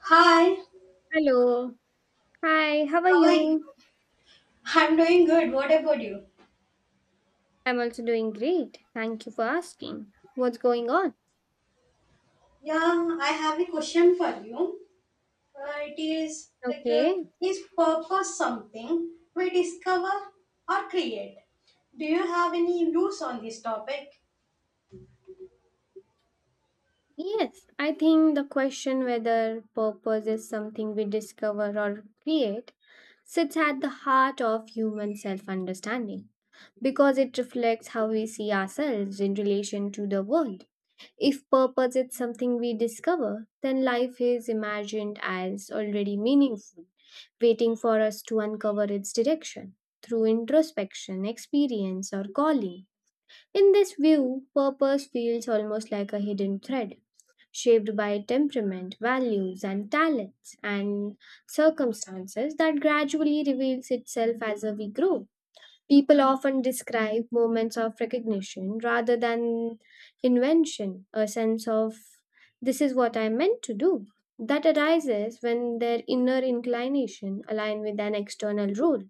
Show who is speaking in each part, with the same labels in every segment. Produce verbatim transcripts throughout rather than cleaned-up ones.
Speaker 1: Hi,
Speaker 2: Hello. Hi, how are
Speaker 1: how are you?
Speaker 2: you?
Speaker 1: I'm doing good. What about you?
Speaker 2: I'm also doing great. Thank you for asking. What's going on?
Speaker 1: Yeah, I have a question for you. Uh, it is like, uh,
Speaker 2: Okay.
Speaker 1: is purpose something we discover or create? Do you have any views on this topic?
Speaker 2: Yes, I think the question whether purpose is something we discover or create sits at the heart of human self understanding because it reflects how we see ourselves in relation to the world. If purpose is something we discover, then life is imagined as already meaningful waiting for us to uncover its direction through introspection, experience, or calling. In this view, purpose feels almost like a hidden thread, shaped by temperament, values, and talents, and circumstances that gradually reveals itself as we grow. People often describe moments of recognition rather than invention, a sense of this is what I meant to do. That arises when their inner inclination align with an external rule.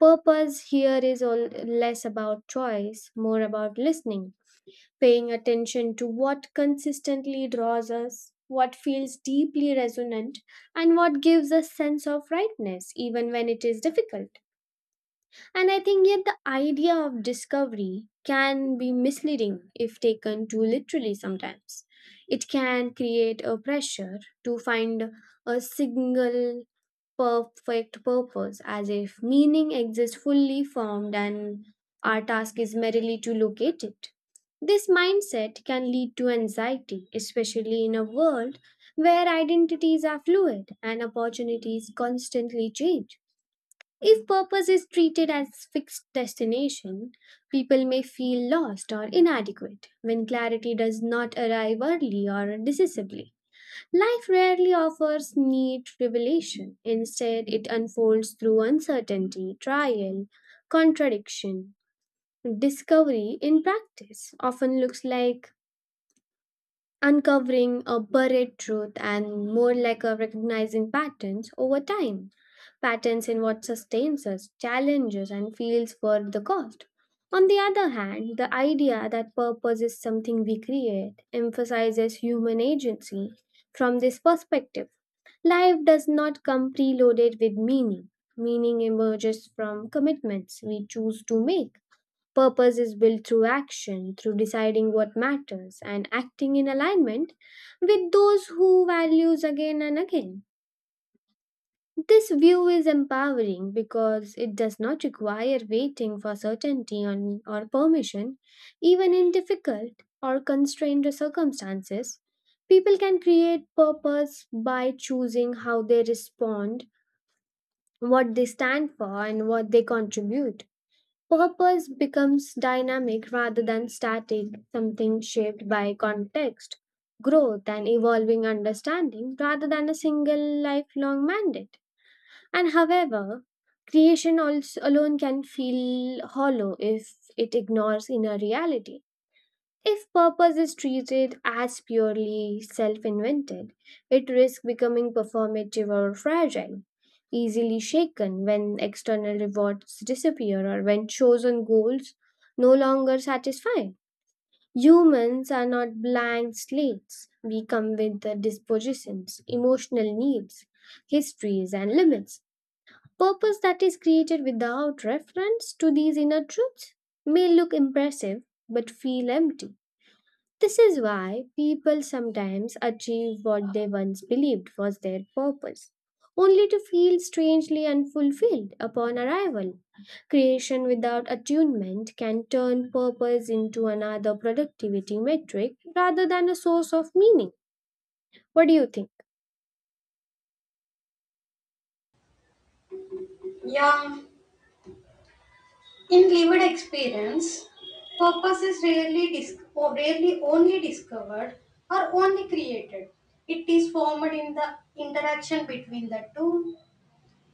Speaker 2: Purpose here is all less about choice, more about listening, paying attention to what consistently draws us, what feels deeply resonant, and what gives us sense of rightness even when it is difficult. And I think yet the idea of discovery can be misleading if taken too literally sometimes. It can create a pressure to find a single perfect purpose as if meaning exists fully formed and our task is merely to locate it. This mindset can lead to anxiety, especially in a world where identities are fluid and opportunities constantly change. If purpose is treated as fixed destination, people may feel lost or inadequate when clarity does not arrive early or decisively. Life rarely offers neat revelation. Instead, it unfolds through uncertainty, trial, contradiction. Discovery in practice often looks like uncovering a buried truth and more like a recognizing patterns over time. Patterns in what sustains us, challenges, and feels worth the cost. On the other hand, the idea that purpose is something we create emphasizes human agency. From this perspective, life does not come preloaded with meaning. Meaning emerges from commitments we choose to make. Purpose is built through action, through deciding what matters and acting in alignment with those who values again and again. This view is empowering because it does not require waiting for certainty on, or permission, even in difficult or constrained circumstances. People can create purpose by choosing how they respond, what they stand for, and what they contribute. Purpose becomes dynamic rather than static, something shaped by context, growth, and evolving understanding rather than a single lifelong mandate. And however, creation also alone can feel hollow if it ignores inner reality. If purpose is treated as purely self invented, it risks becoming performative or fragile, easily shaken when external rewards disappear or when chosen goals no longer satisfy. Humans are not blank slates. We come with the dispositions, emotional needs, histories, and limits. Purpose that is created without reference to these inner truths may look impressive but feel empty. This is why people sometimes achieve what they once believed was their purpose, only to feel strangely unfulfilled upon arrival. Creation without attunement can turn purpose into another productivity metric rather than a source of meaning. What do you think?
Speaker 1: Yeah, in lived experience, purpose is rarely, dis- or rarely only discovered or only created. It is formed in the interaction between the two.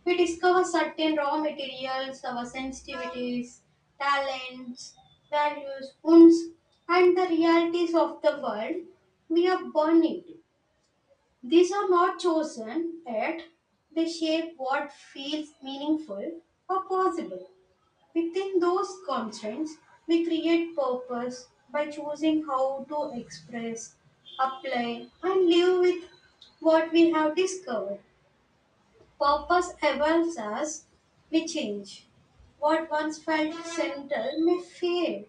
Speaker 1: We discover certain raw materials, our sensitivities, talents, values, wounds, and the realities of the world we are born into. These are not chosen, yet they shape what feels meaningful or possible. Within those constraints, we create purpose by choosing how to express, apply, and live with what we have discovered. Purpose evolves as we change. What once felt central may fade,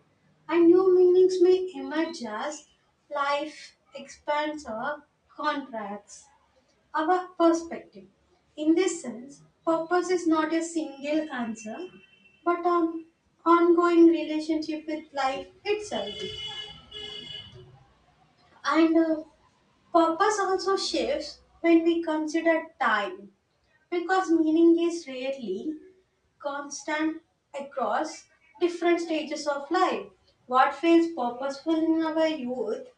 Speaker 1: and new meanings may emerge as life expands or contracts our perspective. In this sense, purpose is not a single answer, but an ongoing relationship with life itself. And uh, Purpose also shifts when we consider time, because meaning is rarely constant across different stages of life. What feels purposeful in our youth,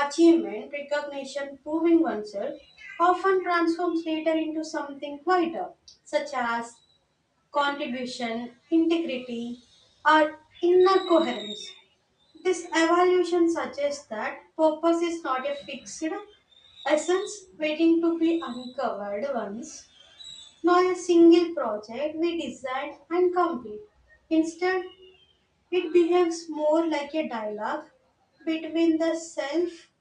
Speaker 1: achievement, recognition, proving oneself, often transforms later into something quieter, such as contribution, integrity, or inner coherence. This evolution suggests that purpose is not a fixed essence waiting to be uncovered once, not a single project we decide and complete. Instead, it behaves more like a dialogue between the self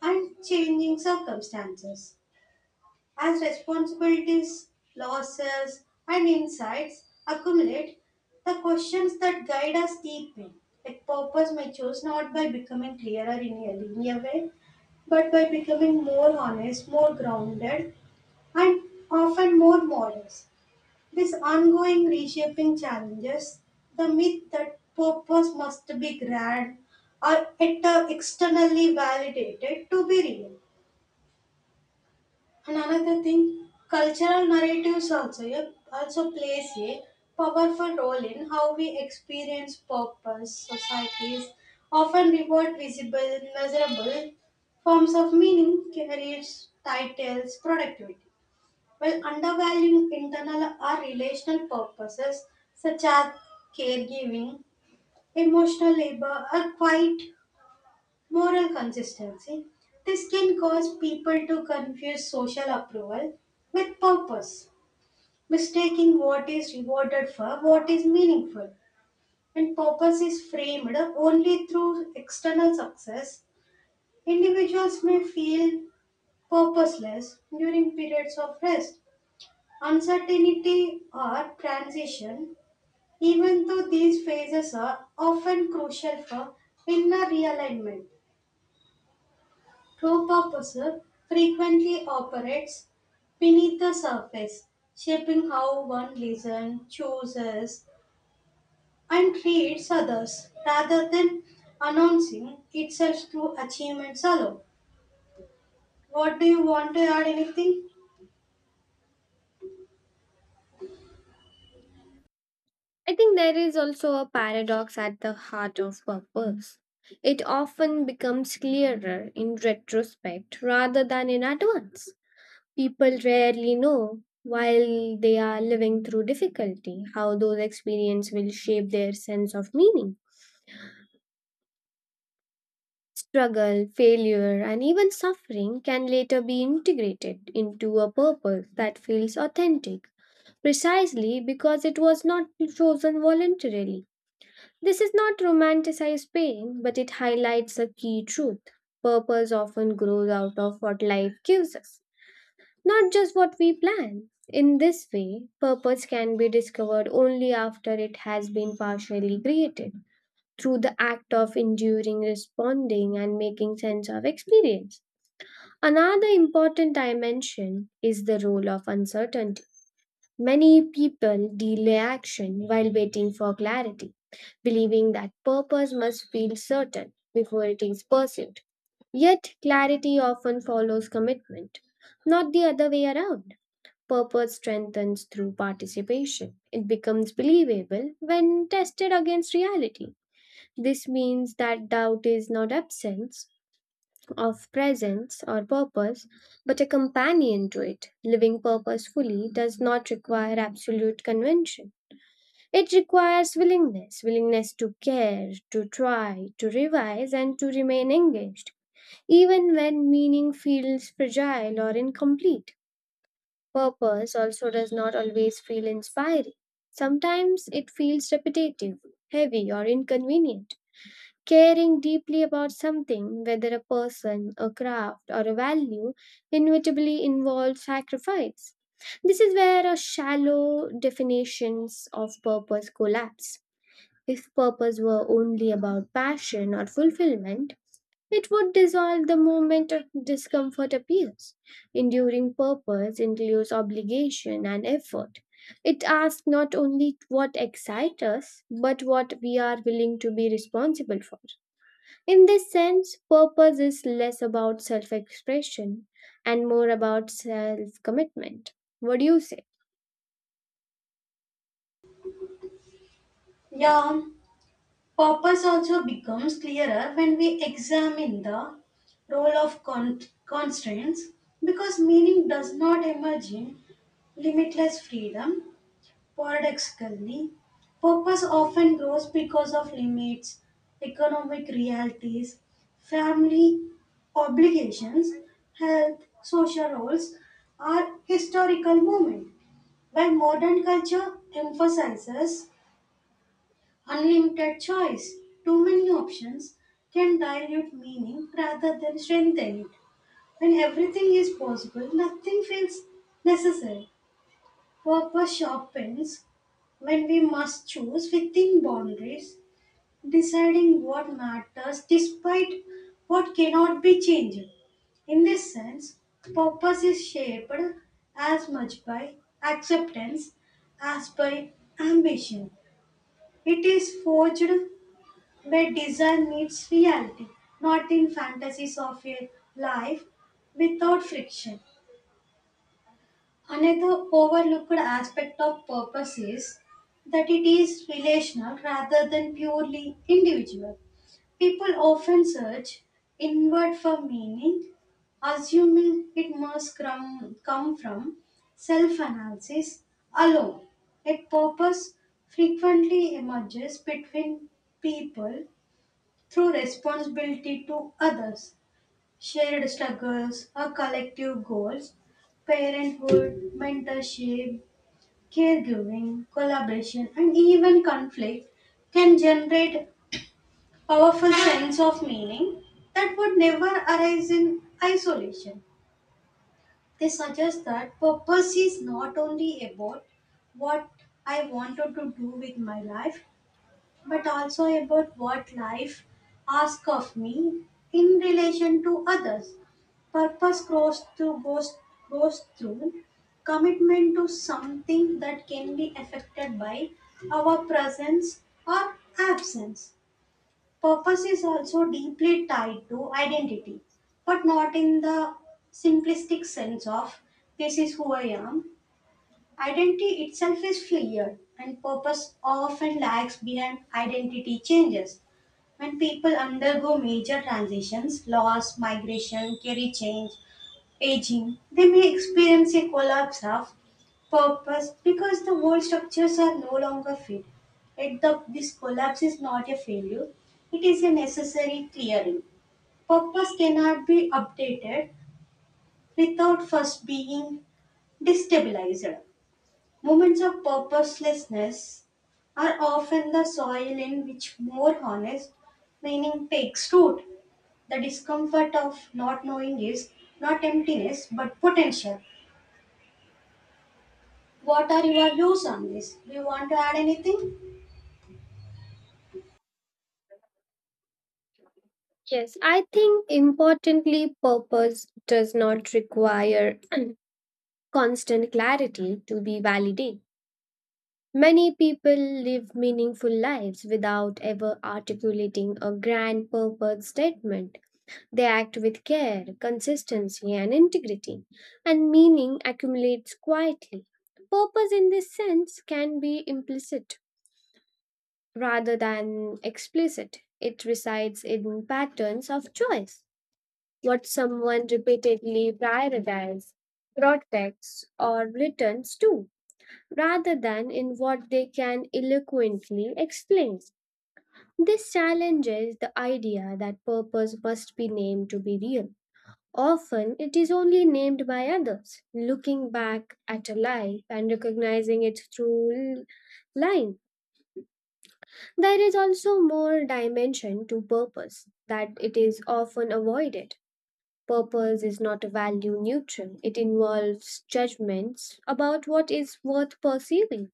Speaker 1: and changing circumstances. As responsibilities, losses, and insights accumulate, the questions that guide us deepen. Like purpose matures not by becoming clearer in a linear way, but by becoming more honest, more grounded, and often more modest. This ongoing reshaping challenges the myth that purpose must be grand or et- externally validated to be real. And another thing, cultural narratives also, yeah, also plays a powerful role in how we experience purpose. Societies often reward visible, measurable forms of meaning, careers, titles, productivity. While undervaluing internal or relational purposes such as caregiving, emotional labor, or quiet moral consistency, this can cause people to confuse social approval with purpose, mistaking what is rewarded for what is meaningful. When purpose is framed only through external success, individuals may feel purposeless during periods of rest, uncertainty, or transition, even though these phases are often crucial for inner realignment. True purpose frequently operates beneath the surface, shaping how one listens, chooses, and treats others rather than announcing itself through achievements alone. What do you want to add anything?
Speaker 2: I think there is also a paradox at the heart of purpose. It often becomes clearer in retrospect rather than in advance. People rarely know, while they are living through difficulty, how those experiences will shape their sense of meaning. Struggle, failure, and even suffering can later be integrated into a purpose that feels authentic, precisely because it was not chosen voluntarily. This is not romanticized pain, but it highlights a key truth. Purpose often grows out of what life gives us. Not just what we plan. In this way, purpose can be discovered only after it has been partially created, through the act of enduring, responding, and making sense of experience. Another important dimension is the role of uncertainty. Many people delay action while waiting for clarity, believing that purpose must feel certain before it is pursued. Yet, clarity often follows commitment, not the other way around. Purpose strengthens through participation. It becomes believable when tested against reality. This means that doubt is not absence of presence or purpose, but a companion to it. Living purposefully does not require absolute convention. It requires willingness willingness to care, to try, to revise, and to remain engaged, even when meaning feels fragile or incomplete. Purpose also does not always feel inspiring. Sometimes it feels repetitive, heavy, or inconvenient. Caring deeply about something, whether a person, a craft, or a value, inevitably involves sacrifice. This is where our shallow definitions of purpose collapse. If purpose were only about passion or fulfillment, it would dissolve the moment of discomfort appears. Enduring purpose includes obligation and effort. It asks not only what excites us, but what we are willing to be responsible for. In this sense, purpose is less about self expression and more about self commitment. What do you say?
Speaker 1: Yeah, purpose also becomes clearer when we examine the role of con- constraints, because meaning does not emerge in limitless freedom. Paradoxically, purpose often grows because of limits, economic realities, family obligations, health, social roles, or historical moment. While modern culture emphasizes unlimited choice, too many options can dilute meaning rather than strengthen it. When everything is possible, nothing feels necessary. Purpose sharpens when we must choose within boundaries, deciding what matters despite what cannot be changed. In this sense, purpose is shaped as much by acceptance as by ambition. It is forged where desire meets reality, not in fantasies of a life without friction. Another overlooked aspect of purpose is that it is relational rather than purely individual. People often search inward for meaning, assuming it must come, come from self analysis alone. A purpose frequently emerges between people through responsibility to others, shared struggles, or collective goals, parenthood, mentorship, caregiving, collaboration, and even conflict can generate powerful sense of meaning that would never arise in isolation. They suggest that purpose is not only about what I wanted to do with my life, but also about what life asks of me in relation to others. Purpose grows through goes goes through commitment to something that can be affected by our presence or absence. Purpose is also deeply tied to identity, but not in the simplistic sense of "this is who I am." Identity itself is fluid, and purpose often lags behind identity changes. When people undergo major transitions, loss, migration, career change, aging, they may experience a collapse of purpose because the old structures are no longer fit. Yet the, this collapse is not a failure, it is a necessary clearing. Purpose cannot be updated without first being destabilized. Moments of purposelessness are often the soil in which more honest meaning takes root. The discomfort of not knowing is not emptiness but potential. What are your views on this? Do you want to add anything?
Speaker 2: Yes, I think importantly, purpose does not require constant clarity to be validated. Many people live meaningful lives without ever articulating a grand purpose statement. They act with care, consistency, and integrity, and meaning accumulates quietly. Purpose in this sense can be implicit rather than explicit. It resides in patterns of choice, what someone repeatedly prioritizes, protects, or returns to rather than in what they can eloquently explain. This challenges the idea that purpose must be named to be real. Often it is only named by others, looking back at a life and recognizing its true line. There is also more dimension to purpose that it is often avoided. Purpose is not value neutral, it involves judgments about what is worth pursuing.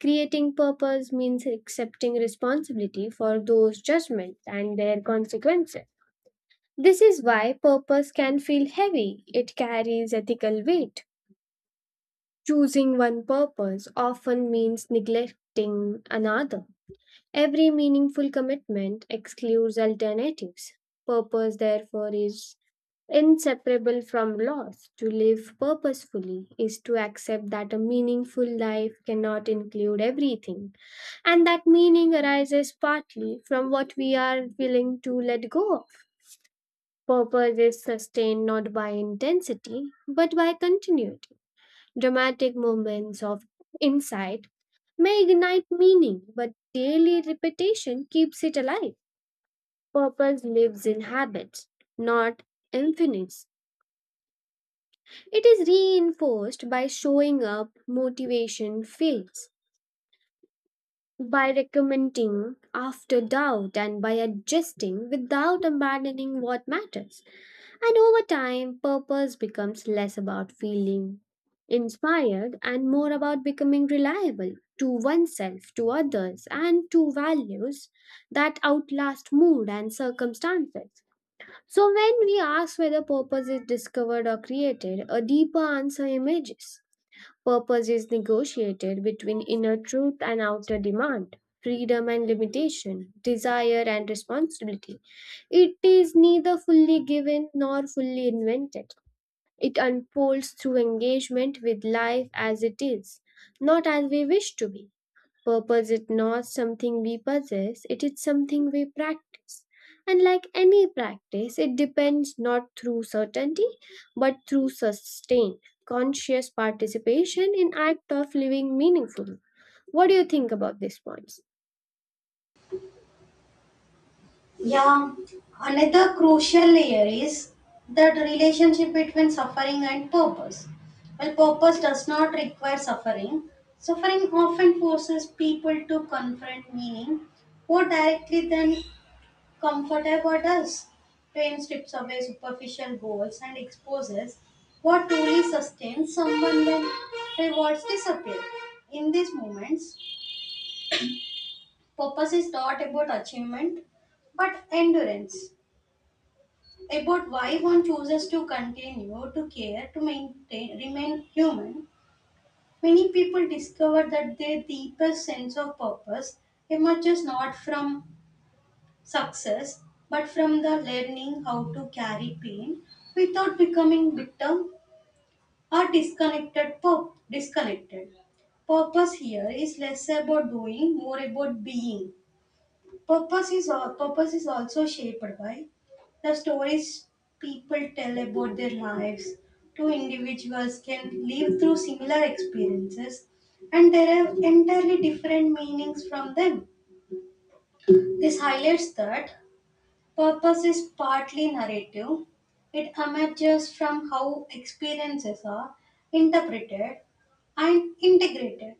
Speaker 2: Creating purpose means accepting responsibility for those judgments and their consequences. This is why purpose can feel heavy, it carries ethical weight. Choosing one purpose often means neglecting another. Every meaningful commitment excludes alternatives. Purpose, therefore, is inseparable from loss. To live purposefully is to accept that a meaningful life cannot include everything, and that meaning arises partly from what we are willing to let go of. Purpose is sustained not by intensity, but by continuity. Dramatic moments of insight may ignite meaning, but daily repetition keeps it alive. Purpose lives in habits, not infinites. It is reinforced by showing up motivation fades, by recommending after doubt, and by adjusting without abandoning what matters. And over time, purpose becomes less about feeling inspired and more about becoming reliable to oneself, to others, and to values that outlast mood and circumstances. So, when we ask whether purpose is discovered or created, a deeper answer emerges. Purpose is negotiated between inner truth and outer demand, freedom and limitation, desire and responsibility. It is neither fully given nor fully invented. It unfolds through engagement with life as it is, not as we wish to be. Purpose is not something we possess, it is something we practice. And like any practice, it depends not through certainty but through sustained, conscious participation in act of living meaningful. What do you think about these points?
Speaker 1: Yeah, another crucial layer is the relationship between suffering and purpose. Well, purpose does not require suffering, suffering often forces people to confront meaning more directly than comfortable does. Pain strips away superficial goals and exposes what truly sustains someone when rewards disappear. In these moments, purpose is not about achievement but endurance, about why one chooses to continue to care to maintain remain human. Many people discover that their deepest sense of purpose emerges not from success, but from the learning how to carry pain without becoming victim or disconnected. Pur- disconnected. Purpose here is less about doing, more about being. Purpose is al- purpose is also shaped by the stories people tell about their lives. Two individuals can live through similar experiences and derive entirely different meanings from them. This highlights that purpose is partly narrative. It emerges from how experiences are interpreted and integrated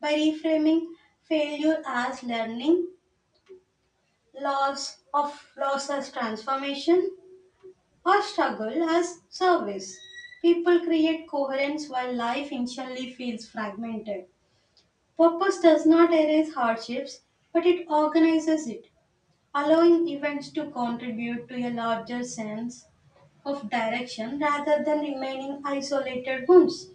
Speaker 1: by reframing failure as learning, loss of loss as transformation, or struggle as service. People create coherence while life initially feels fragmented. Purpose does not erase hardships, but it organizes it, allowing events to contribute to a larger sense of direction rather than remaining isolated ones.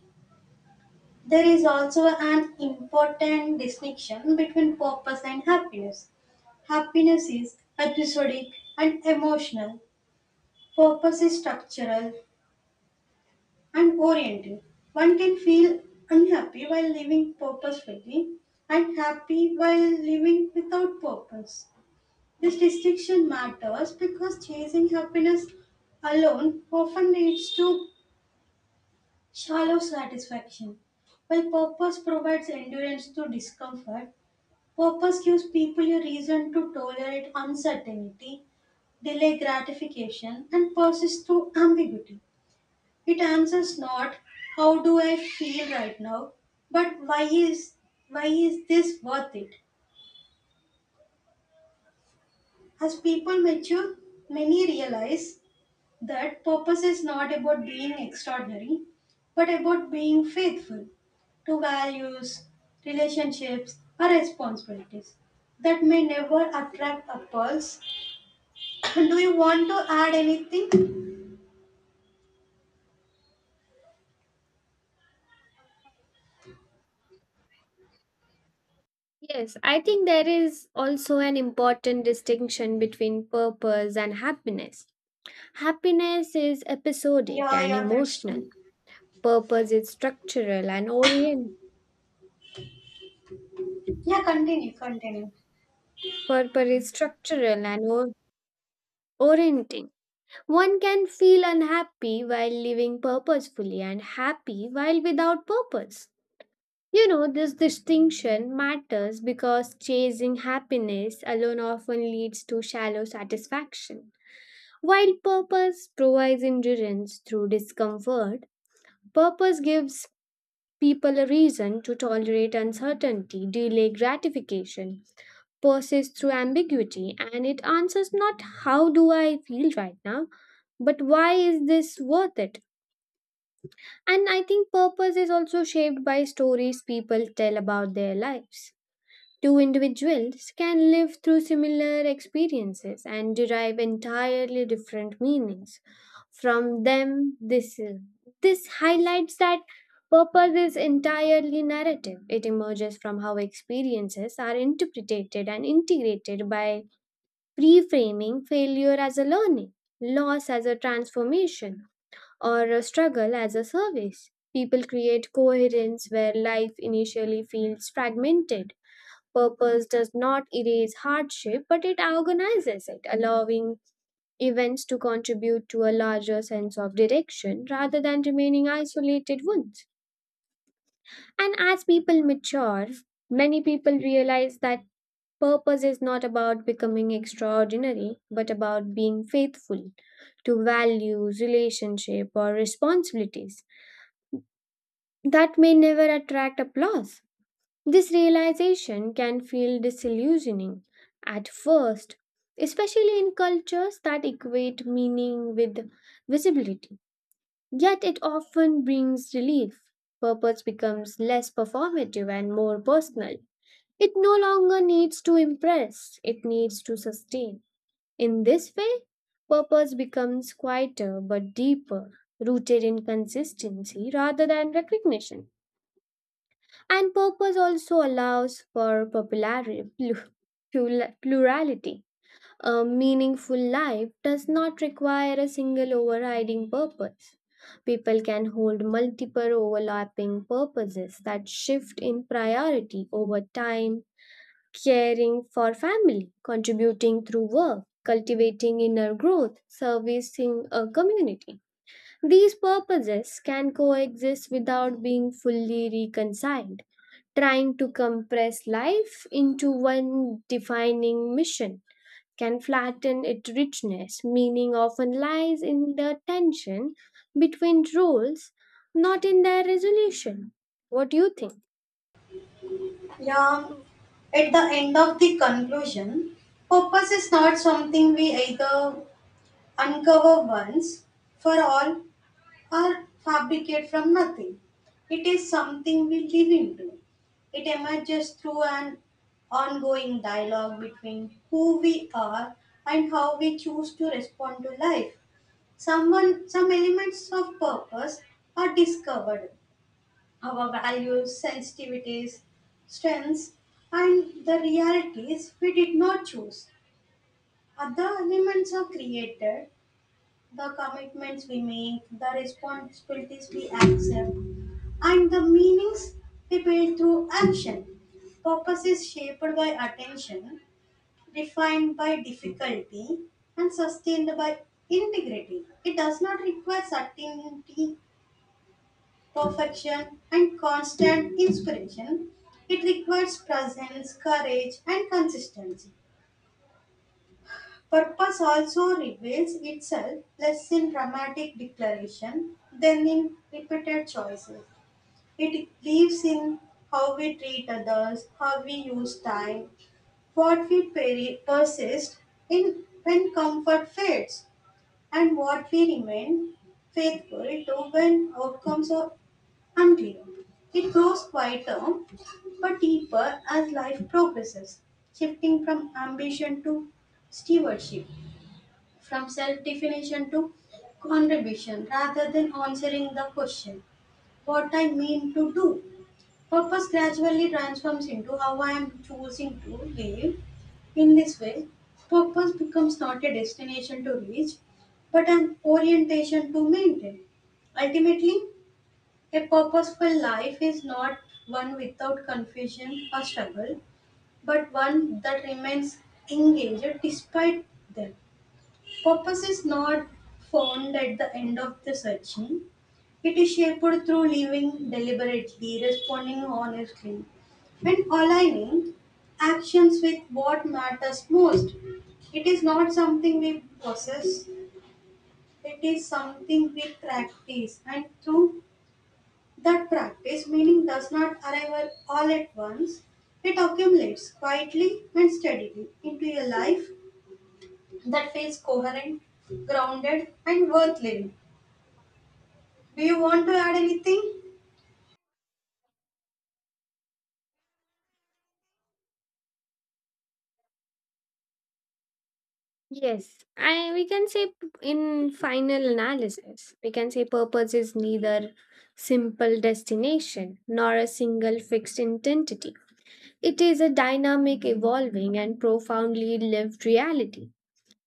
Speaker 1: There is also an important distinction between purpose and happiness. Happiness is episodic and emotional, purpose is structural and oriented. One can feel unhappy while living purposefully and happy while living without purpose. This distinction matters because chasing happiness alone often leads to shallow satisfaction. While purpose provides endurance to discomfort, purpose gives people a reason to tolerate uncertainty, delay gratification, and persist through ambiguity. It answers not how do I feel right now, but why is why is this worth it? As people mature, many realize that purpose is not about being extraordinary, but about being faithful to values, relationships, or responsibilities that may never attract a apples. Do you want to add anything?
Speaker 2: Yes, I think there is also an important distinction between purpose and happiness. Happiness is episodic
Speaker 1: Yeah,
Speaker 2: and
Speaker 1: yeah, that's
Speaker 2: emotional.
Speaker 1: true.
Speaker 2: Purpose is structural and orient.
Speaker 1: Yeah, continue, continue.
Speaker 2: Purpose is structural and orienting. One can feel unhappy while living purposefully and happy while without purpose. You know, this distinction matters because chasing happiness alone often leads to shallow satisfaction. While purpose provides endurance through discomfort, purpose gives people a reason to tolerate uncertainty, delay gratification, persist through ambiguity, and it answers not how do I feel right now, but why is this worth it? And I think purpose is also shaped by stories people tell about their lives. Two individuals can live through similar experiences and derive entirely different meanings from them. This, this highlights that purpose is entirely narrative. It emerges from how experiences are interpreted and integrated by reframing failure as a learning, loss as a transformation, or a struggle as a service. People create coherence where life initially feels fragmented. Purpose does not erase hardship, but it organizes it, allowing events to contribute to a larger sense of direction rather than remaining isolated ones. And as people mature, many people realize that purpose is not about becoming extraordinary, but about being faithful to values, relationship, or responsibilities that may never attract applause. This realization can feel disillusioning at first, especially in cultures that equate meaning with visibility. Yet it often brings relief. Purpose becomes less performative and more personal. It no longer needs to impress, it needs to sustain. In this way, purpose becomes quieter but deeper, rooted in consistency rather than recognition. And purpose also allows for popularity, plu- plula- plurality. A meaningful life does not require a single overriding purpose. People can hold multiple overlapping purposes that shift in priority over time, caring for family, contributing through work, cultivating inner growth, servicing a community. These purposes can coexist without being fully reconciled. Trying to compress life into one defining mission can flatten its richness. Meaning often lies in the tension between roles, not in their resolution. What do you think?
Speaker 1: Yeah, at the end of the conclusion, purpose is not something we either uncover once for all or fabricate from nothing. It is something we live into. It emerges through an ongoing dialogue between who we are and how we choose to respond to life. Someone, some elements of purpose are discovered. Our values, sensitivities, strengths, and the realities we did not choose. Other elements are created, the commitments we make, the responsibilities we accept, and the meanings we build through action. Purpose is shaped by attention, defined by difficulty, and sustained by integrity. It does not require certainty, perfection, and constant inspiration. It requires presence, courage, and consistency. Purpose also reveals itself less in dramatic declaration than in repeated choices. It lives in how we treat others, how we use time, what we peri- persist in when comfort fades, and what we remain faithful to when outcomes are unclear. It grows quieter but deeper as life progresses, shifting from ambition to stewardship, from self-definition to contribution. Rather than answering the question what I mean to do, purpose gradually transforms into how I am choosing to live. In this way, purpose becomes not a destination to reach but an orientation to maintain. Ultimately, a purposeful life is not one without confusion or struggle, but one that remains engaged despite them. Purpose is not found at the end of the searching. It is shaped through living deliberately, responding honestly, and aligning actions with what matters most. It is not something we possess, it is something we practice, and through that practice, meaning does not arrive all at once. It accumulates quietly and steadily into your life that feels coherent, grounded, and worth living. Do you want to add anything?
Speaker 2: Yes, I we can say p- in final analysis, we can say purpose is neither simple destination nor a single fixed identity. It is a dynamic, evolving, and profoundly lived reality.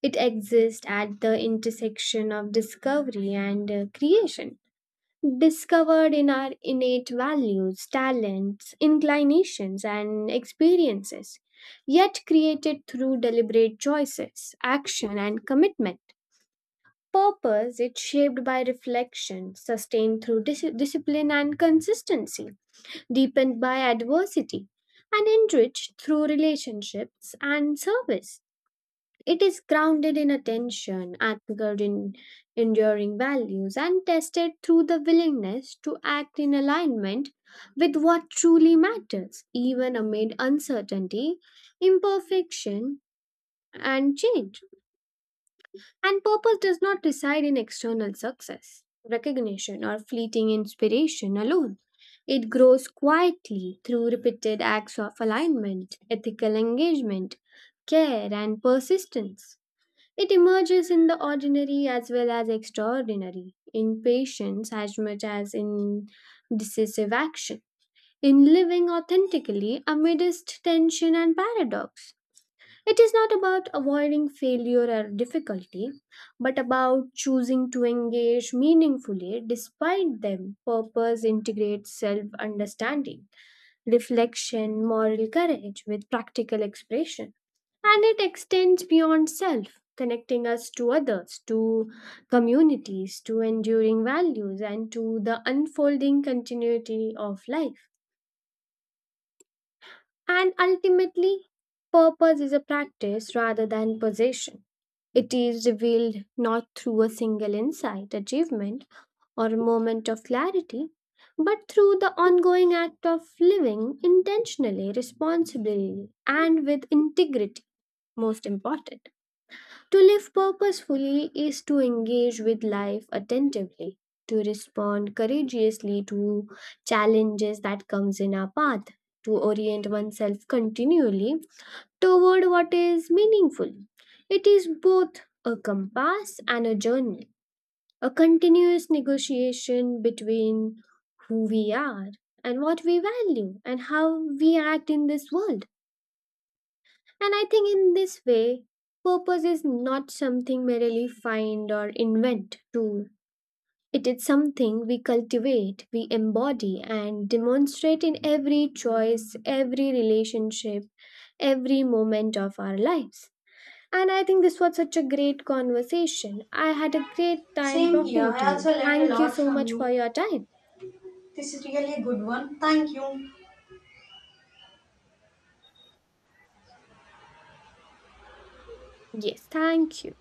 Speaker 2: It exists at the intersection of discovery and uh, creation, discovered in our innate values, talents, inclinations, and experiences, yet created through deliberate choices, action, and commitment. Purpose is shaped by reflection, sustained through dis- discipline and consistency, deepened by adversity, and enriched through relationships and service. It is grounded in attention, anchored in enduring values, and tested through the willingness to act in alignment with what truly matters, even amid uncertainty, imperfection, and change. And purpose does not reside in external success, recognition, or fleeting inspiration alone. It grows quietly through repeated acts of alignment, ethical engagement, care, and persistence. It emerges in the ordinary as well as extraordinary, in patience as much as in decisive action, in living authentically amidst tension and paradox. It is not about avoiding failure or difficulty, but about choosing to engage meaningfully despite them. Purpose integrates self understanding, reflection, moral courage with practical expression. And it extends beyond self, connecting us to others, to communities, to enduring values, and to the unfolding continuity of life. And ultimately, purpose is a practice rather than possession. It is revealed not through a single insight, achievement, or moment of clarity, but through the ongoing act of living intentionally, responsibly, and with integrity, most important. To live purposefully is to engage with life attentively, to respond courageously to challenges that comes in our path, to orient oneself continually toward what is meaningful. It is both a compass and a journey, a continuous negotiation between who we are and what we value and how we act in this world. And I think in this way, purpose is not something merely find or invent to. It is something we cultivate, we embody, and demonstrate in every choice, every relationship, every moment of our lives. And I think this was such a great conversation. I had a great time
Speaker 1: Same here.
Speaker 2: talking to
Speaker 1: I
Speaker 2: you.
Speaker 1: also learned a
Speaker 2: Thank you
Speaker 1: lot
Speaker 2: so
Speaker 1: from
Speaker 2: much for
Speaker 1: you.
Speaker 2: your time.
Speaker 1: This is really a good one. Thank you.
Speaker 2: Yes, thank you.